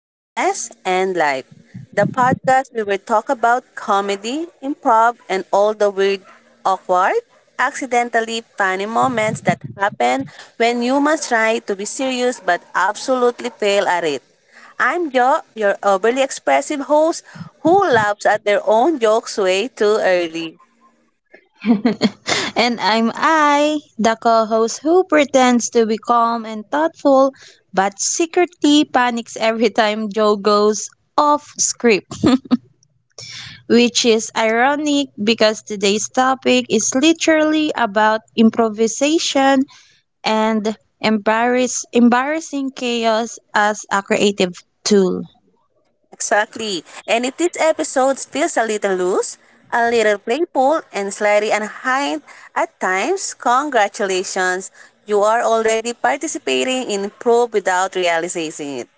to Yes and Life, the podcast where we talk about comedy, improv, and all the weird, awkward, accidentally funny moments that happen when humans try to be serious but absolutely fail at it. I'm Jo, your overly expressive host who laughs at their own jokes way too early. and I'm I, the co host who pretends to be calm and thoughtful but secretly panics every time Joe goes off script. Which is ironic because today's topic is literally about improvisation and embarrassing chaos as a creative tool. Exactly. And if this episode feels a little loose, a little playful, and slightly unkind at times, congratulations. You are already participating in Pro without realizing it.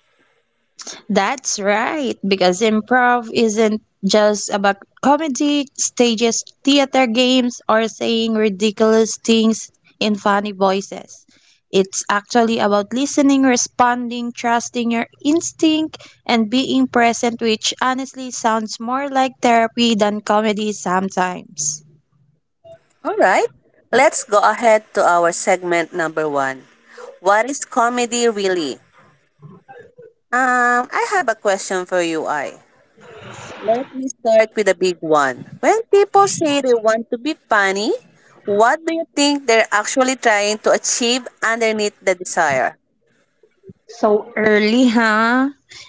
That's right, because improv isn't just about comedy, stages, theater games, or saying ridiculous things in funny voices. It's actually about listening, responding, trusting your instinct, and being present, which honestly sounds more like therapy than comedy sometimes. All right. Let's go ahead to our segment number one. What is comedy really? I have a question for you, I. Let me start with a big one. When people say they want to be funny, what do you think they're actually trying to achieve underneath the desire? So early, huh?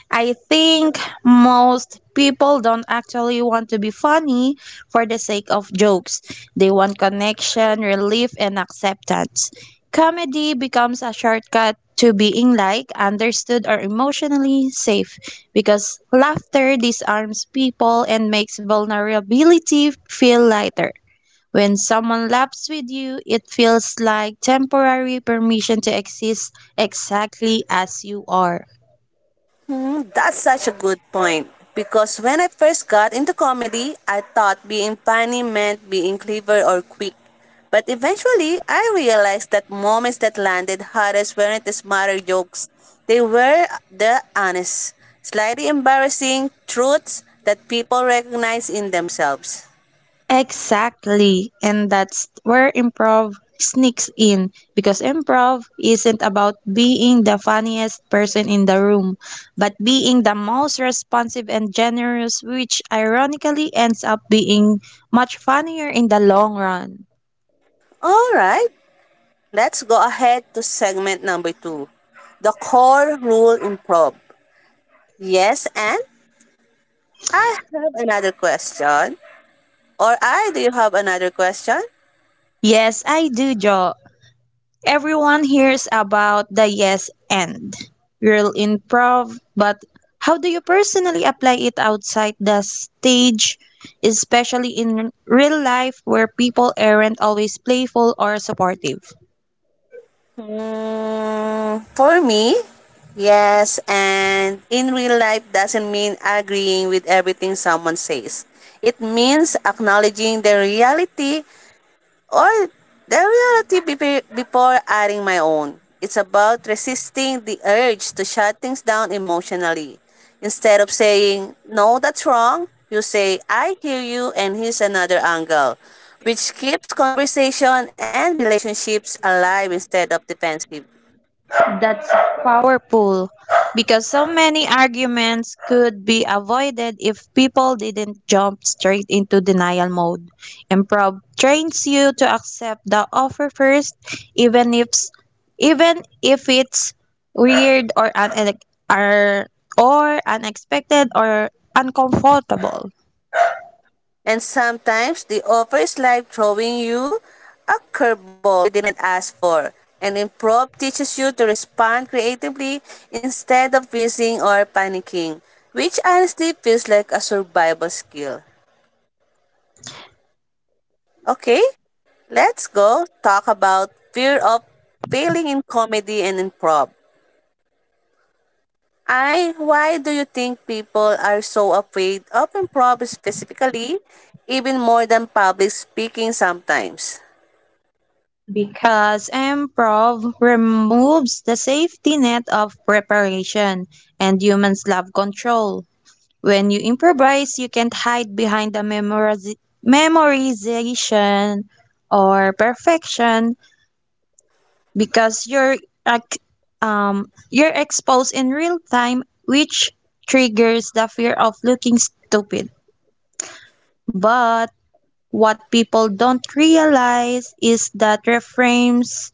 I think most people don't actually want to be funny for the sake of jokes. They want connection, relief, and acceptance. Comedy becomes a shortcut to being like understood or emotionally safe because laughter disarms people and makes vulnerability feel lighter. When someone laughs with you, it feels like temporary permission to exist exactly as you are. Hmm, that's such a good point. Because when I first got into comedy, I thought being funny meant being clever or quick. But eventually, I realized that moments that landed hardest weren't the smarter jokes. They were the honest, slightly embarrassing truths that people recognize in themselves. Exactly. And that's where improv sneaks in because improv isn't about being the funniest person in the room, but being the most responsive and generous, which ironically ends up being much funnier in the long run. Alright, let's go ahead to segment number two. The core rule improv. Yes, and I have another question. Or I, do you have another question? Yes, I do, Jo. Everyone hears about the yes and rule in improv, but how do you personally apply it outside the stage, especially in real life where people aren't always playful or supportive? Hmm, for me, yes, and in real life doesn't mean agreeing with everything someone says. It means acknowledging the reality or their reality before adding my own. It's about resisting the urge to shut things down emotionally. Instead of saying, no, that's wrong, you say, I hear you, and here's another angle, which keeps conversation and relationships alive instead of defensive. That's powerful because so many arguments could be avoided if people didn't jump straight into denial mode. Improv trains you to accept the offer first, even if even if it's weird or or, or unexpected or uncomfortable. And sometimes the offer is like throwing you a curveball you didn't ask for. And improv teaches you to respond creatively instead of freezing or panicking, which honestly feels like a survival skill. Okay, let's go talk about fear of failing in comedy and improv. I, why do you think people are so afraid of improv specifically, even more than public speaking sometimes? Because improv removes the safety net of preparation, and humans love control. When you improvise, you can't hide behind the memorization or perfection because you're ac- you're exposed in real time, which triggers the fear of looking stupid. But what people don't realize is that reframes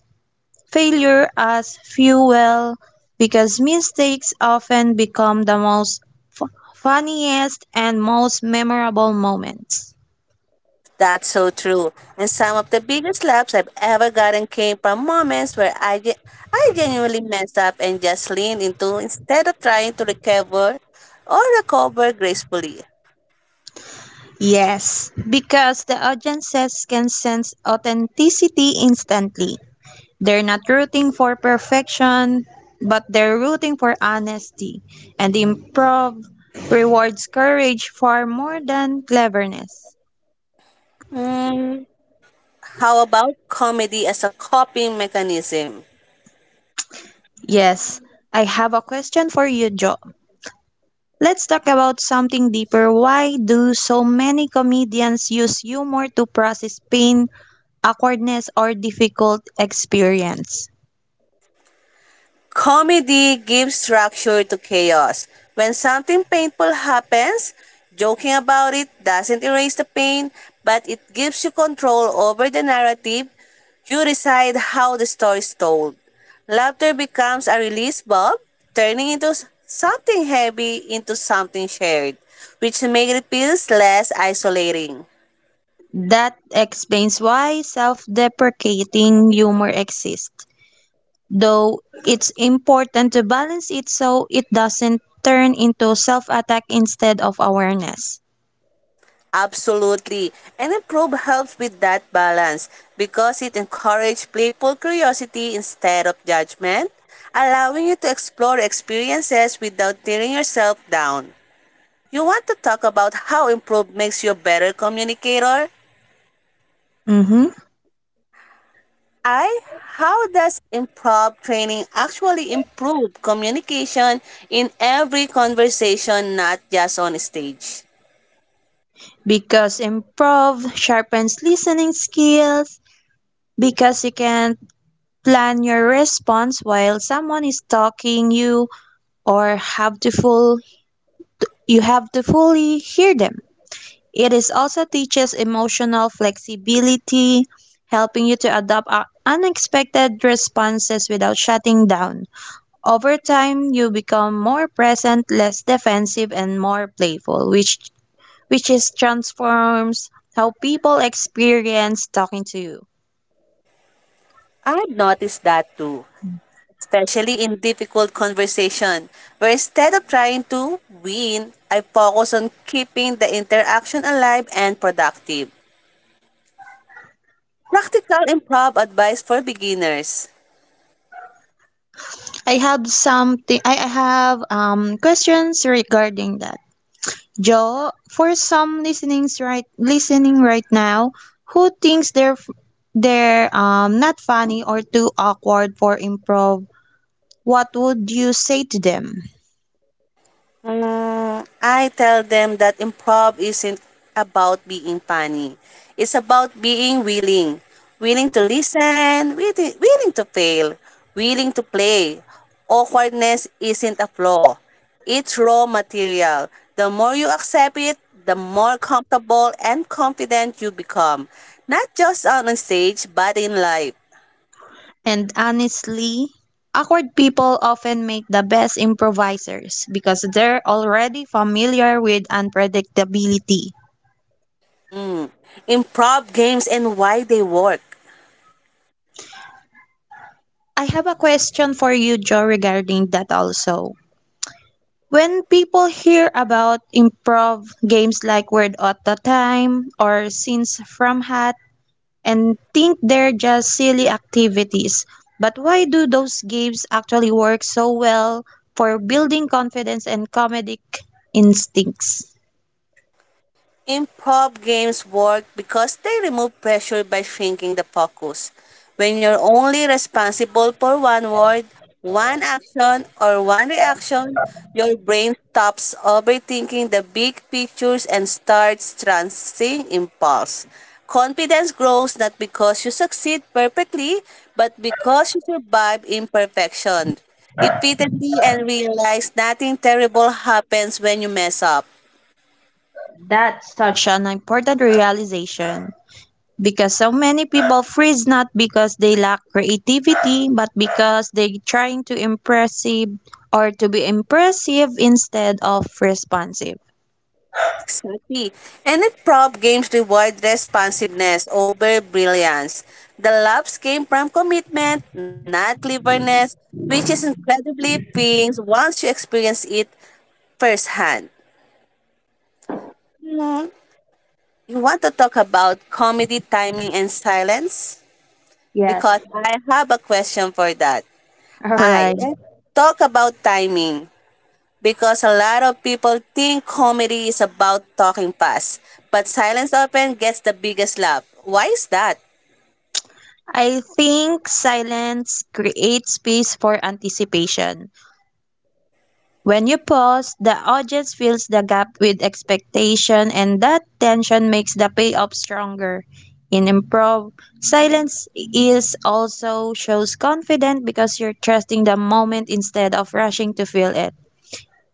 failure as fuel because mistakes often become the most fu- funniest and most memorable moments. That's so true. And some of the biggest laughs I've ever gotten came from moments where I genuinely messed up and just leaned into instead of trying to recover or recover gracefully. Yes, because the audiences can sense authenticity instantly. They're not rooting for perfection, but they're rooting for honesty. And improv rewards courage far more than cleverness. Hmm, how about comedy as a coping mechanism? Yes, I have a question for you, Joe. Let's talk about something deeper. Why do so many comedians use humor to process pain, awkwardness, or difficult experience? Comedy gives structure to chaos. When something painful happens, joking about it doesn't erase the pain, but it gives you control over the narrative. You decide how the story is told. Laughter becomes a release valve, turning into something heavy into something shared, which makes it feels less isolating. That explains why self deprecating humor exists, though it's important to balance it so it doesn't turn into self attack instead of awareness. Absolutely. And improv helps with that balance because it encourages playful curiosity instead of judgment, allowing you to explore experiences without tearing yourself down. You want to talk about how improv makes you a better communicator? Mm-hmm. I, how does improv training actually improve communication in every conversation, not just on stage? Because improv sharpens listening skills, because you can plan your response while someone is talking you or have to full you have to fully hear them. It is also teaches emotional flexibility, helping you to adapt unexpected responses without shutting down. Over time, you become more present, less defensive, and more playful, which is transforms how people experience talking to you. I've noticed that too, especially in difficult conversation, where instead of trying to win, I focus on keeping the interaction alive and productive. Practical improv advice for beginners. I have something. I have questions regarding that. Joe, for some listening right now who thinks they're not funny or too awkward for improv, what would you say to them? Mm, I tell them that improv isn't about being funny. It's about being willing. Willing to listen, willing to fail, willing to play. Awkwardness isn't a flaw. It's raw material. The more you accept it, the more comfortable and confident you become. Not just on stage, but in life. And honestly, awkward people often make the best improvisers because they're already familiar with unpredictability. Improv games and why they work. I have a question for you, Joe, regarding that also. When people hear about improv games like Word at the Time or Scenes from Hat and think they're just silly activities, but why do those games actually work so well for building confidence and comedic instincts? Improv games work because they remove pressure by shrinking the focus. When you're only responsible for one word, one action, or one reaction, your brain stops overthinking the big pictures and starts trusting impulse. Confidence grows not because you succeed perfectly, but because you survive imperfection repeatedly and realize nothing terrible happens when you mess up. That's such an important realization. Because so many people freeze not because they lack creativity but because they trying to impressive or to be impressive instead of responsive. Exactly. And if prop games reward responsiveness over brilliance, the loves came from commitment, not cleverness, which is incredibly freeing once you experience it firsthand. Hmm, you want to talk about comedy timing and silence? Because Yes. I have a question for that. All I, right, let's talk about timing, because a lot of people think comedy is about talking fast, but silence often gets the biggest laugh. Why is that? I think silence creates space for anticipation. When you pause, the audience fills the gap with expectation, and that tension makes the payoff stronger. In improv, silence is also shows confidence because you're trusting the moment instead of rushing to fill it.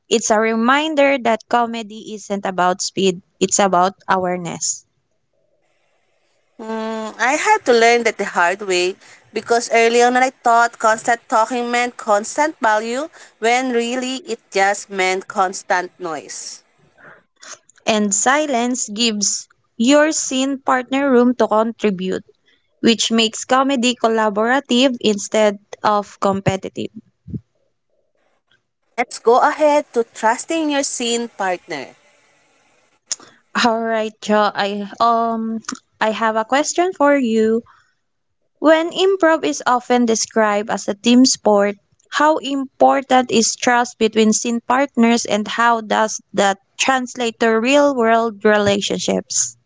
It's a reminder that comedy isn't about speed, it's about awareness. Hmm, I had to learn that the hard way because early on I thought constant talking meant constant value when really it just meant constant noise. And silence gives your scene partner room to contribute, which makes comedy collaborative instead of competitive. Let's go ahead to trusting your scene partner. All right, Joe. I have a question for you. When improv is often described as a team sport, how important is trust between scene partners and how does that translate to real world relationships?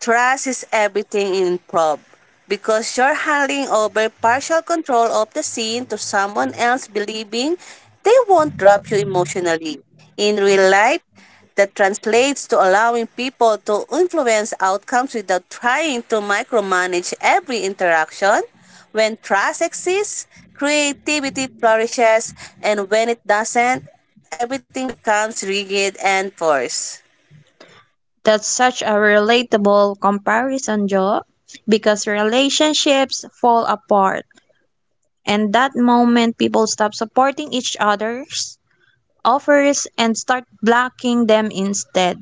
Trust is everything in improv because you're handing over partial control of the scene to someone else believing they won't drop you emotionally. In real life, that translates to allowing people to influence outcomes without trying to micromanage every interaction. When trust exists, creativity flourishes, and when it doesn't, everything becomes rigid and forced. That's such a relatable comparison, Joe, because relationships fall apart and that moment people stop supporting each other's offers and start blocking them instead.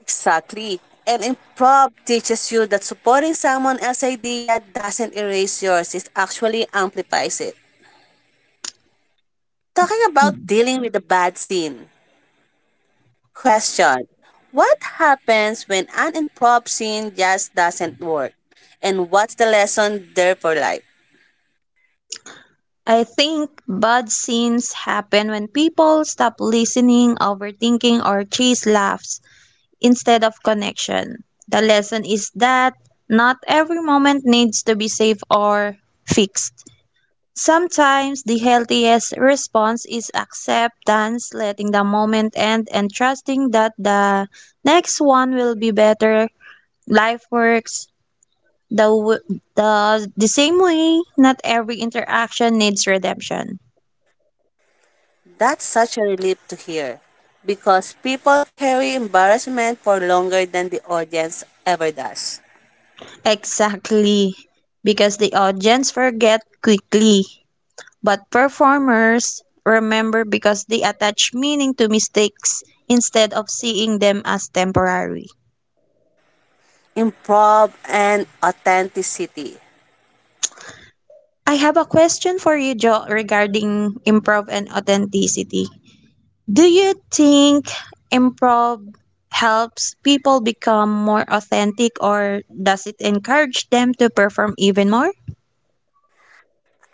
Exactly. And improv teaches you that supporting someone else's idea doesn't erase yours, it actually amplifies it. Talking about dealing with a bad scene. Question: what happens when an improv scene just doesn't work? And what's the lesson there for life? I think bad scenes happen when people stop listening, overthinking, or chase laughs instead of connection. The lesson is that not every moment needs to be safe or fixed. Sometimes the healthiest response is acceptance, letting the moment end, and trusting that the next one will be better. Life works the same way. Not every interaction needs redemption. That's such a relief to hear because people carry embarrassment for longer than the audience ever does. Exactly, because the audience forget quickly, but performers remember because they attach meaning to mistakes instead of seeing them as temporary. Improv and authenticity. I have a question for you, Jo, regarding improv and authenticity. Do you think improv helps people become more authentic or does it encourage them to perform even more?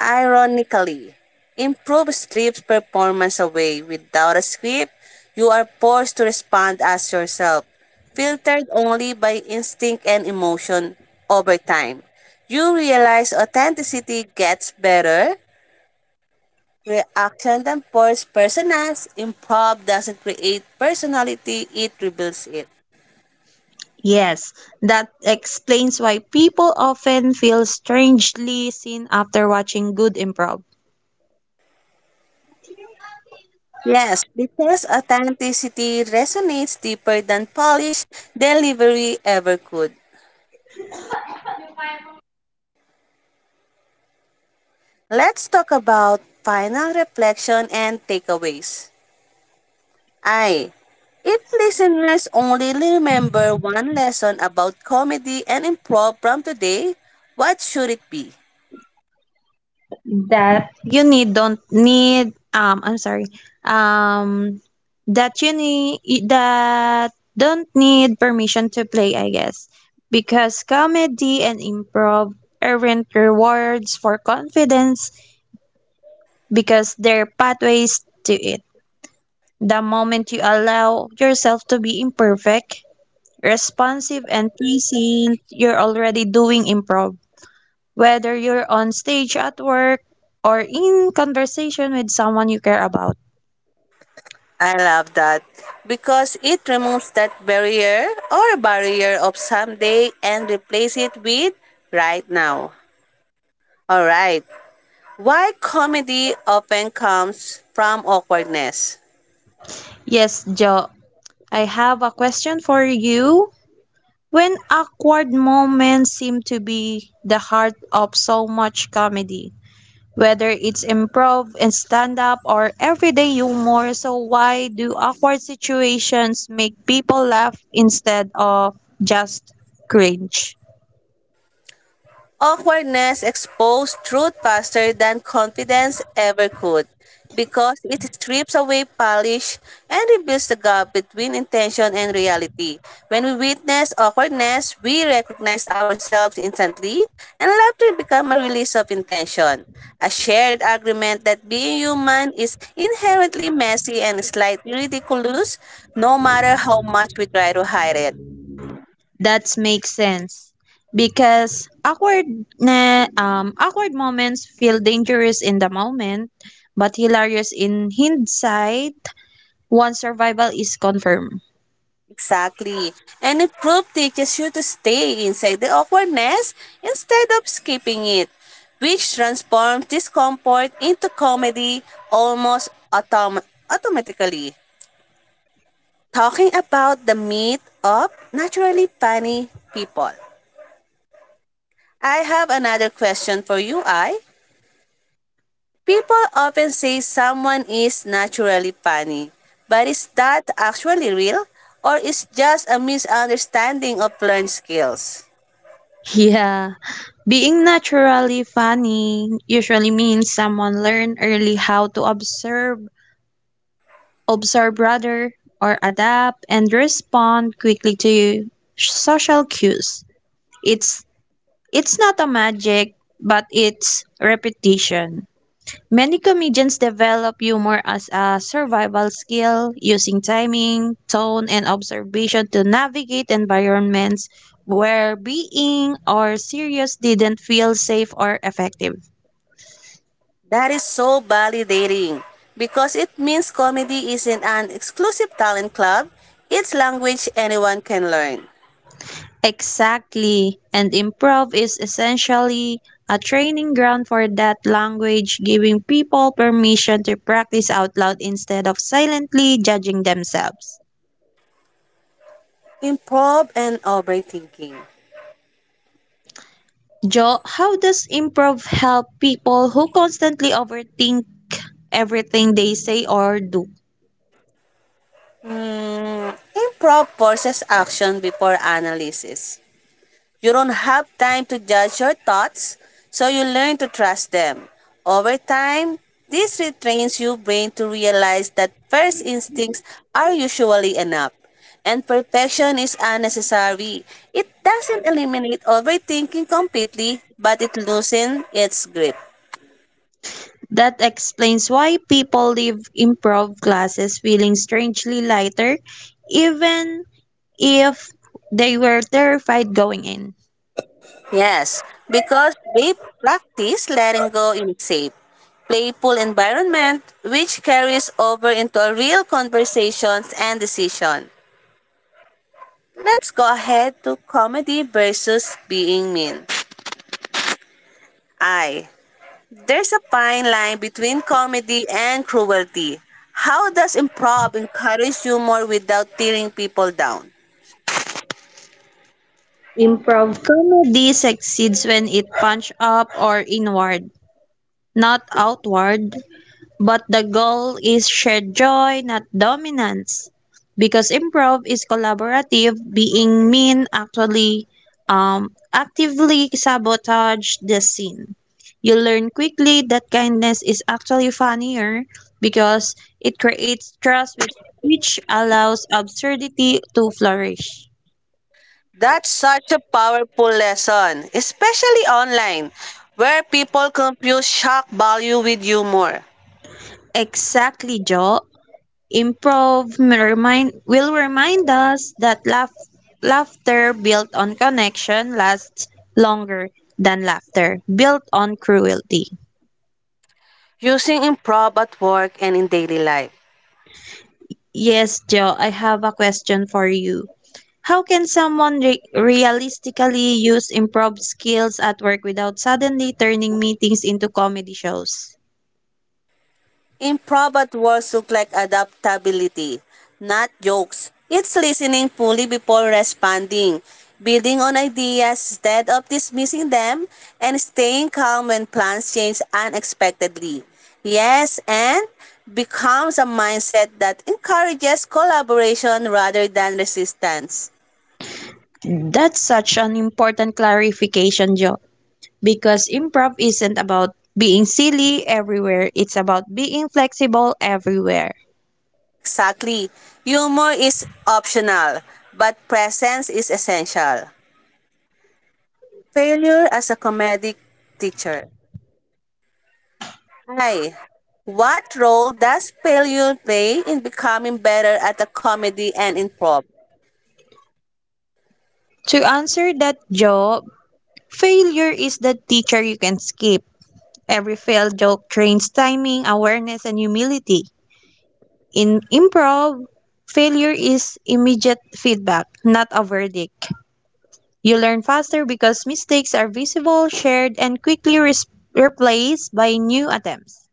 Ironically, improv strips performance away. Without a script, you are forced to respond as yourself, filtered only by instinct and emotion over time. You realize authenticity gets better, reaction than forced personas. Improv doesn't create personality, it reveals it. Yes, that explains why people often feel strangely seen after watching good improv. Yes, because authenticity resonates deeper than polished delivery ever could. Let's talk about final reflection and takeaways. I, if listeners only remember one lesson about comedy and improv from today, what should it be? That you need don't need I'm sorry. Um that you need that Don't need permission to play, I guess. Because comedy and improv aren't rewards for confidence because they're pathways to it. The moment you allow yourself to be imperfect, responsive and present, you're already doing improv. Whether you're on stage at work or in conversation with someone you care about. I love that because it removes that barrier or barrier of someday and replace it with right now. All right. Why comedy often comes from awkwardness? Yes, Jo, I have a question for you. When awkward moments seem to be the heart of so much comedy, whether it's improv and stand up or everyday humor, so why do awkward situations make people laugh instead of just cringe? Awkwardness exposed truth faster than confidence ever could because it strips away polish and reveals the gap between intention and reality. When we witness awkwardness, we recognize ourselves instantly and laughter become a release of intention. A shared agreement that being human is inherently messy and slightly ridiculous no matter how much we try to hide it. That makes sense because awkward moments feel dangerous in the moment, but hilarious in hindsight once survival is confirmed. Exactly. And a proof teaches you to stay inside the awkwardness instead of skipping it, which transforms discomfort into comedy almost autom- automatically. Talking about the myth of naturally funny people. I have another question for you, I. People often say someone is naturally funny, but is that actually real or is just a misunderstanding of learned skills? Yeah, being naturally funny usually means someone learned early how to observe rather, or adapt and respond quickly to social cues. It's it's not a magic, but it's repetition. Many comedians develop humor as a survival skill, using timing, tone, and observation to navigate environments where being or serious didn't feel safe or effective. That is so validating because it means comedy isn't an exclusive talent club, it's language anyone can learn. Exactly, and improv is essentially a training ground for that language, giving people permission to practice out loud instead of silently judging themselves. Improv and overthinking. Joe, how does improv help people who constantly overthink everything they say or do? Hmm, improv forces action before analysis. You don't have time to judge your thoughts, so you learn to trust them. Over time, this retrains your brain to realize that first instincts are usually enough. And perfection is unnecessary. It doesn't eliminate overthinking completely, but it loosens its grip. That explains why people leave improv classes feeling strangely lighter, even if they were terrified going in. Yes, because we practice letting go in safe, playful environment, which carries over into real conversations and decision. Let's go ahead to comedy versus being mean. I. There's a fine line between comedy and cruelty. How does improv encourage humor without tearing people down? Improv comedy succeeds when it punch up or inward, not outward, but the goal is shared joy, not dominance. Because improv is collaborative, being mean actually actively sabotage the scene. You learn quickly that kindness is actually funnier because it creates trust with which allows absurdity to flourish. That's such a powerful lesson, especially online, where people confuse shock value with humor. Exactly, Joe. Improv remind, will remind us that laughter built on connection lasts longer than laughter built on cruelty. Using improv at work and in daily life. Yes, Joe, I have a question for you. How can someone realistically use improv skills at work without suddenly turning meetings into comedy shows? Improv at words look like adaptability, not jokes. It's listening fully before responding, building on ideas instead of dismissing them, and staying calm when plans change unexpectedly. Yes, and becomes a mindset that encourages collaboration rather than resistance. That's such an important clarification, Joe. Because improv isn't about being silly everywhere, it's about being flexible everywhere. Exactly. Humor is optional, but presence is essential. Failure as a comedic teacher. Hi. What role does failure play in becoming better at a comedy and improv? To answer that job, failure is the teacher you can skip. Every failed joke trains timing, awareness, and humility. In improv, failure is immediate feedback, not a verdict. You learn faster because mistakes are visible, shared, and quickly replaced by new attempts.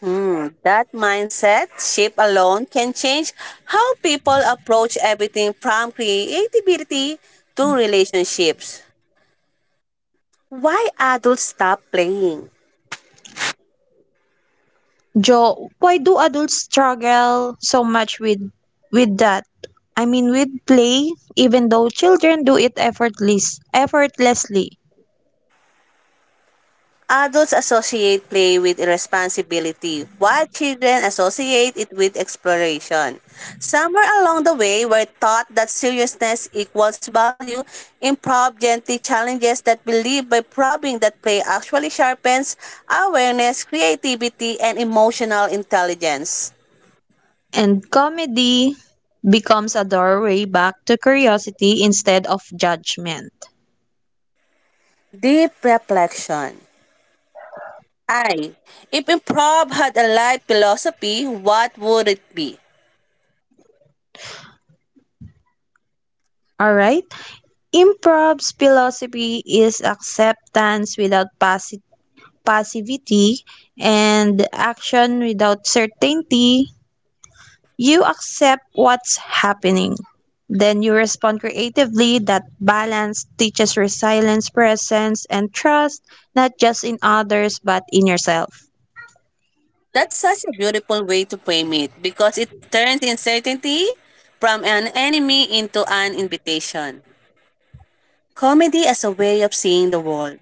Hmm, that mindset shift alone can change how people approach everything from creativity to relationships. Why adults stop playing? Joe, why do adults struggle so much with that? I mean, with play, even though children do it effortlessly. Adults associate play with irresponsibility, while children associate it with exploration. Somewhere along the way, we're taught that seriousness equals value. Improv gently challenges that belief by probing that play actually sharpens awareness, creativity, and emotional intelligence. And comedy becomes a doorway back to curiosity instead of judgment. Deep reflection. I. If improv had a life philosophy, what would it be? All right? Improv's philosophy is acceptance without passivity and action without certainty. You accept what's happening. Then you respond creatively. That balance teaches resilience, presence, and trust, not just in others, but in yourself. That's such a beautiful way to frame it because it turns uncertainty from an enemy into an invitation. Comedy as a way of seeing the world.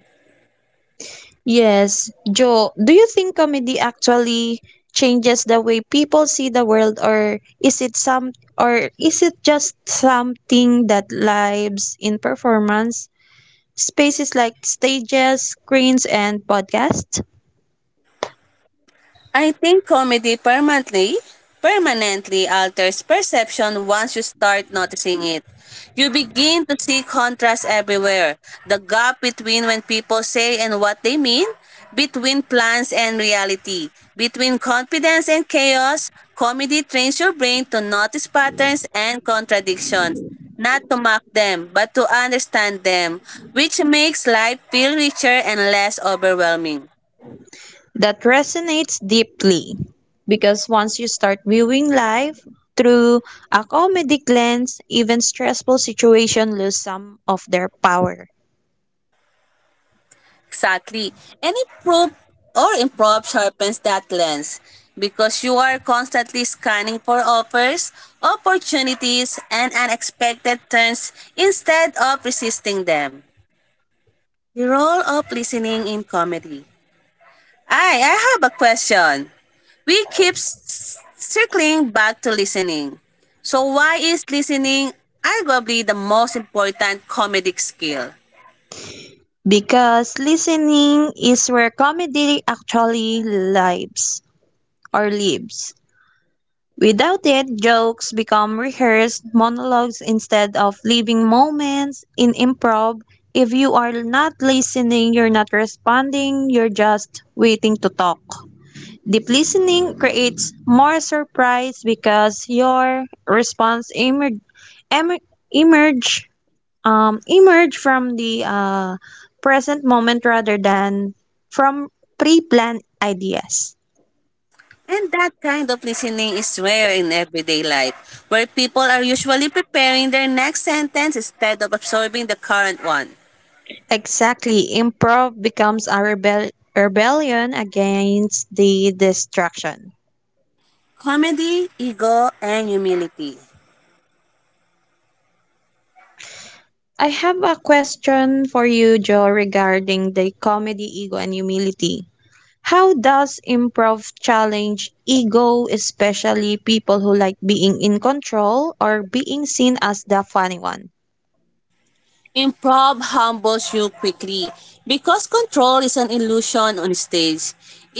Yes, Joe, do you think comedy actually changes the way people see the world or is it just something that lives in performance spaces like stages, screens and podcasts? I think comedy permanently permanently alters perception once you start noticing it. You begin to see contrast everywhere. The gap between when people say and what they mean, between plans and reality, between confidence and chaos, comedy trains your brain to notice patterns and contradictions, not to mock them, but to understand them, which makes life feel richer and less overwhelming. That resonates deeply because once you start viewing life through a comedic lens, even stressful situations lose some of their power. Exactly. Any probe or improv sharpens that lens because you are constantly scanning for offers, opportunities, and unexpected turns instead of resisting them. The role of listening in comedy. I have a question. We keep circling back to listening. So why is listening arguably the most important comedic skill? Because listening is where comedy actually lives. Without it, jokes become rehearsed monologues instead of living moments in improv. If you are not listening, you're not responding, you're just waiting to talk. Deep listening creates more surprise because your response emerge emer- emerge emerge from the present moment rather than from pre-planned ideas. And that kind of listening is rare in everyday life, where people are usually preparing their next sentence instead of absorbing the current one. Exactly, improv becomes a rebellion against the distraction. Comedy, ego, and humility. I have a question for you, Joe, regarding the comedy, ego, and humility. How does improv challenge ego, especially people who like being in control or being seen as the funny one? Improv humbles you quickly because control is an illusion on stage.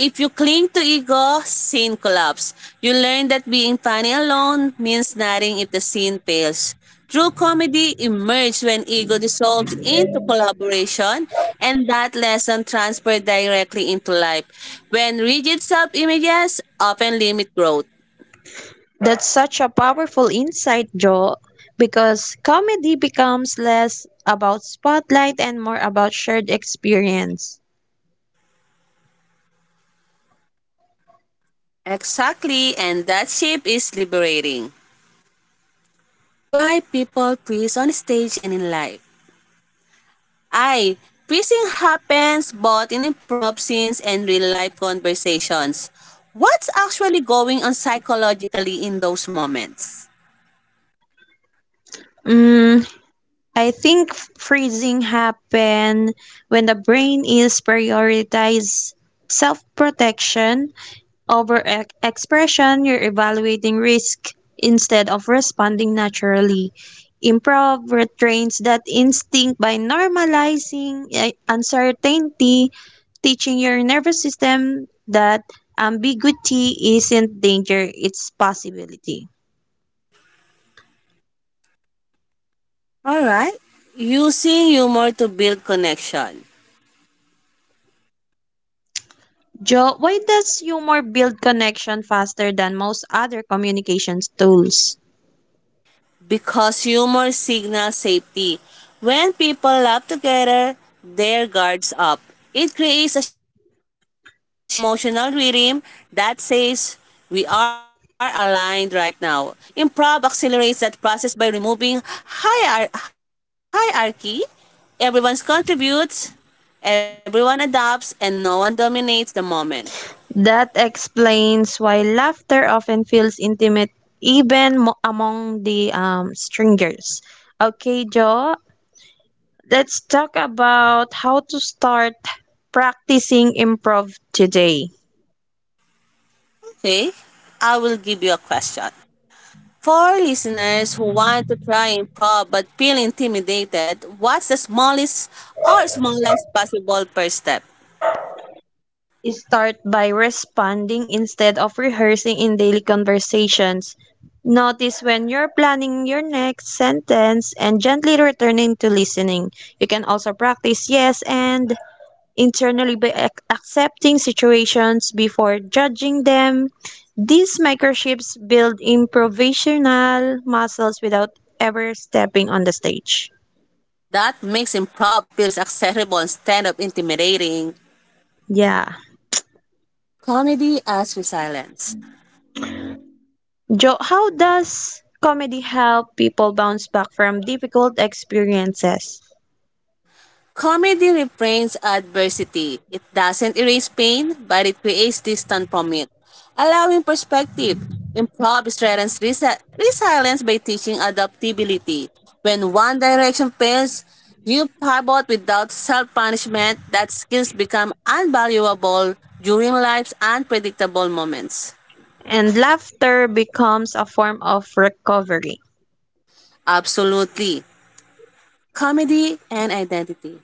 If you cling to ego, scene collapse. You learn that being funny alone means nothing if the scene fails. True comedy emerges when ego dissolves into collaboration, and that lesson transferred directly into life. When rigid self-images often limit growth. That's such a powerful insight, Joe, because comedy becomes less about spotlight and more about shared experience. Exactly, and that shape is liberating. Why people freeze on stage and in life? I. Freezing happens both in improv scenes and real-life conversations. What's actually going on psychologically in those moments? Mm, I think freezing happen when the brain is prioritized self-protection overexpression, you're evaluating risk instead of responding naturally. Improv retrains that instinct by normalizing uncertainty, teaching your nervous system that ambiguity isn't danger, it's possibility. All right. Using humor to build connection. Joe, why does humor build connection faster than most other communications tools? Because humor signals safety. When people laugh together, their guards up. It creates a shared emotional rhythm that says, we are aligned right now. Improv accelerates that process by removing hierarchy. Everyone contributes, everyone adapts, and no one dominates the moment. That explains why laughter often feels intimate even among the strangers. Okay, Joe, let's talk about how to start practicing improv today. Okay, I will give you a question. For listeners who want to try and probe but feel intimidated, what's the smallest or smallest possible first step? Start by responding instead of rehearsing in daily conversations. Notice when you're planning your next sentence and gently returning to listening. You can also practice yes and internally by accepting situations before judging them. These microchips build improvisational muscles without ever stepping on the stage. That makes improv feels accessible instead of intimidating. Yeah. Comedy as resilience. Joe, how does comedy help people bounce back from difficult experiences? Comedy reframes adversity. It doesn't erase pain, but it creates distance from it, allowing perspective. Improv strengthens resilience by teaching adaptability. When one direction fails, you pivot without self-punishment. That skills become invaluable during life's unpredictable moments. And laughter becomes a form of recovery. Absolutely. Comedy and identity.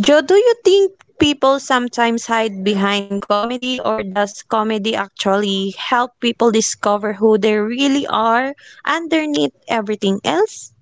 Joe, do you think people sometimes hide behind comedy, or does comedy actually help people discover who they really are underneath everything else?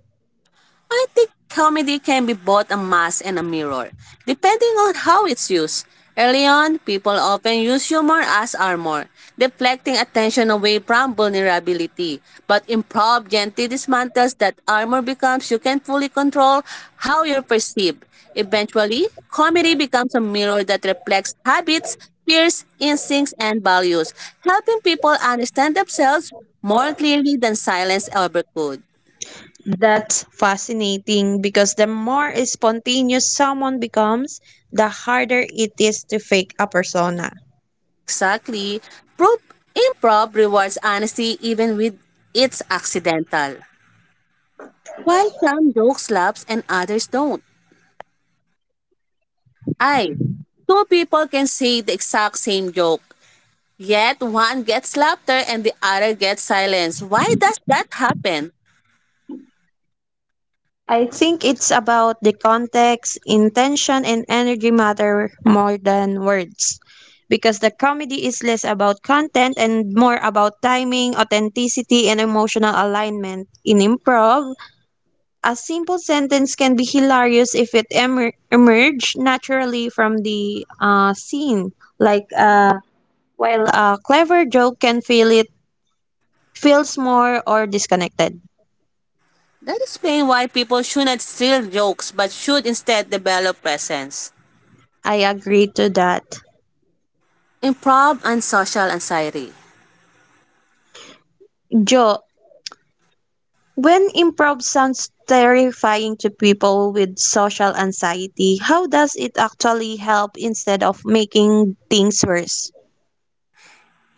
I think comedy can be both a mask and a mirror, depending on how it's used. Early on, people often use humor as armor, deflecting attention away from vulnerability. But improv gently dismantles that armor becomes you can fully control how you're perceived. Eventually, comedy becomes a mirror that reflects habits, fears, instincts, and values, helping people understand themselves more clearly than silence ever could. That's fascinating because the more spontaneous someone becomes, the harder it is to fake a persona. Exactly. Prop improv rewards honesty even with its accidental. Why some jokes lapse and others don't? I. Two people can say the exact same joke, yet one gets laughter and the other gets silence. Why does that happen? I think it's about the context, intention, and energy matter more than words. Because the comedy is less about content and more about timing, authenticity, and emotional alignment. In improv, a simple sentence can be hilarious if it emerge naturally from the scene. Like, uh, while a clever joke can feel it feels more or disconnected. That explains why people shouldn't steal jokes but should instead develop presence. I agree to that. Improv and social anxiety. Joe, when improv sounds terrifying to people with social anxiety, how does it actually help instead of making things worse?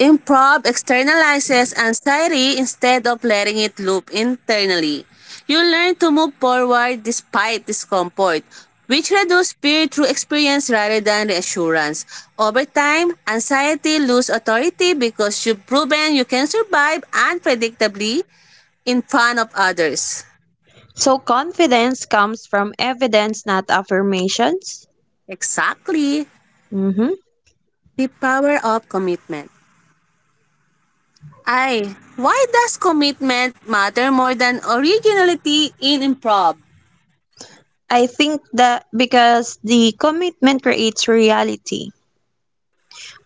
Improv externalizes anxiety instead of letting it loop internally. You learn to move forward despite discomfort, which reduces fear through experience rather than reassurance. Over time, anxiety loses authority because you've proven you can survive unpredictably in front of others. So, confidence comes from evidence, not affirmations. Exactly. Hmm. The power of commitment. I. Why does commitment matter more than originality in improv? I think that because the commitment creates reality.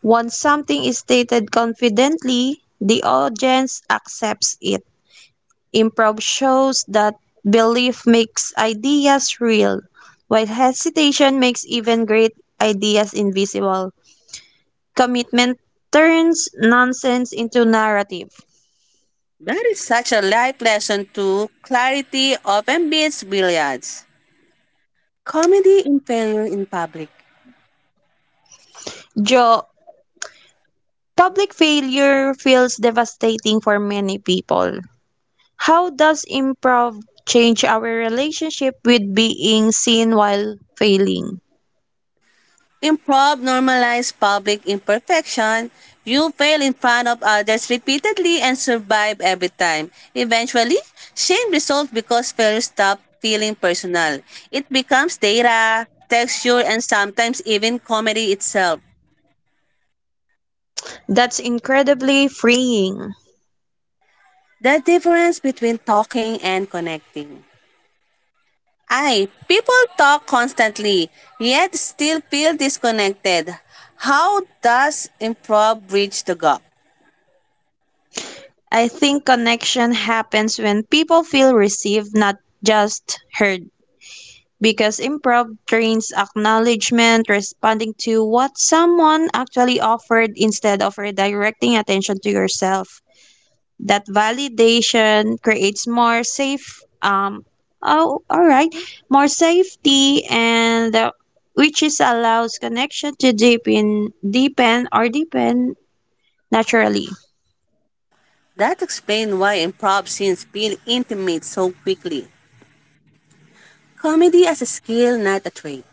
Once something is stated confidently, the audience accepts it. Improv shows that belief makes ideas real, while hesitation makes even great ideas invisible. Commitment turns nonsense into narrative. That is such a life lesson too. Clarity often beats billiards. Comedy in failure in public. Joe, public failure feels devastating for many people. How does improv change our relationship with being seen while failing? Improv normalize public imperfection. You fail in front of others repeatedly and survive every time. Eventually, shame resolves because failure stops feeling personal. It becomes data, texture, and sometimes even comedy itself. That's incredibly freeing. The difference between talking and connecting. I, people talk constantly, yet still feel disconnected. How does improv bridge the gap? I think connection happens when people feel received, not just heard. Because improv trains acknowledgement, responding to what someone actually offered instead of redirecting attention to yourself. That validation creates more safe, oh, all right, more safety, and which is allows connection to deepen naturally. That explains why improv scenes feel intimate so quickly. Comedy as a skill, not a trait.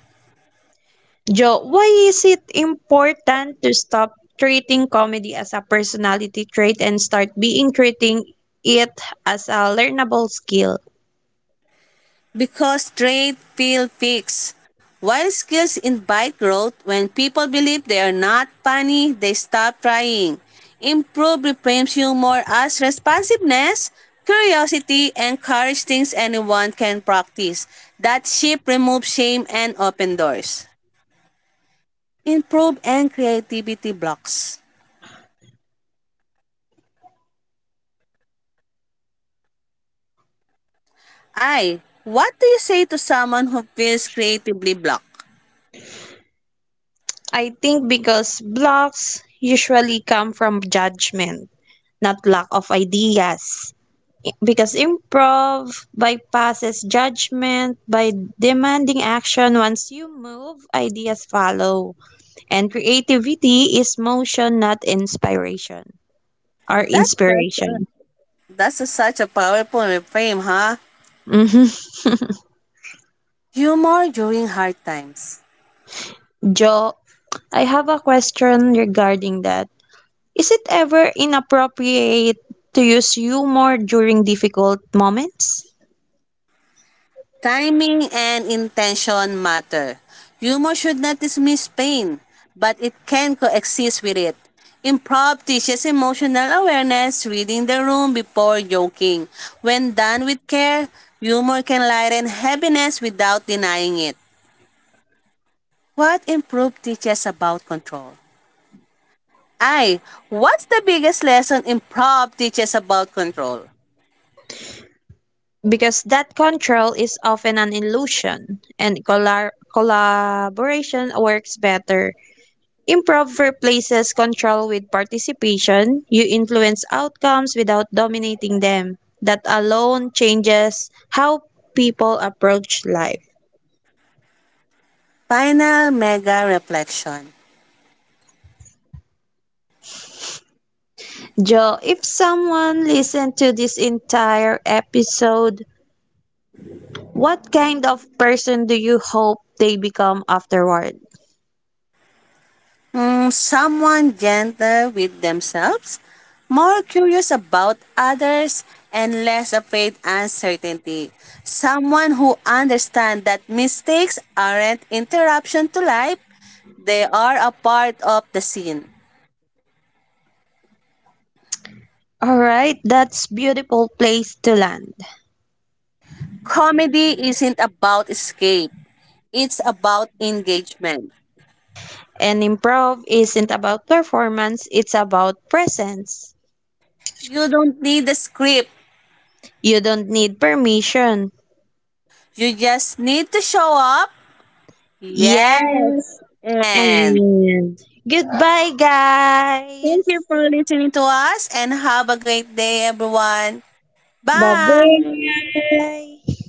Joe, why is it important to stop treating comedy as a personality trait and start being treating it as a learnable skill? Because trade feel fixed, while skills invite growth, when people believe they are not funny, they stop trying. Improve reframes humor as responsiveness, curiosity, and courage things anyone can practice. That shift removes shame and open doors. Improve and creativity blocks. I. What do you say to someone who feels creatively blocked? I think because blocks usually come from judgment, not lack of ideas. Because improv bypasses judgment by demanding action. Once you move, ideas follow. And creativity is motion, not That's such inspiration. a, such a powerful reframe, huh? Humor during hard times. Joe, I have a question regarding that. Is it ever inappropriate to use humor during difficult moments? Timing and intention matter. Humor should not dismiss pain, but it can coexist with it. Improv teaches emotional awareness, reading the room before joking. When done with care, humor can lighten heaviness without denying it. What improv teaches about control? I, what's the biggest lesson improv teaches about control? Because that control is often an illusion, and collar collaboration works better. Improv replaces control with participation. You influence outcomes without dominating them. That alone changes how people approach life. Final mega reflection. Joe, if someone listened to this entire episode, what kind of person do you hope they become afterward? Mm, someone gentle with themselves, more curious about others, and less afraid uncertainty. Someone who understands that mistakes aren't interruption to life, they are a part of the scene. All right, that's beautiful place to land. Comedy isn't about escape, it's about engagement. And improv isn't about performance, it's about presence. You don't need the script, You don't need permission. you just need to show up. Yes, Yes. and And goodbye thank you guys. for listening to us and have a great day, everyone. Bye. Bye-bye.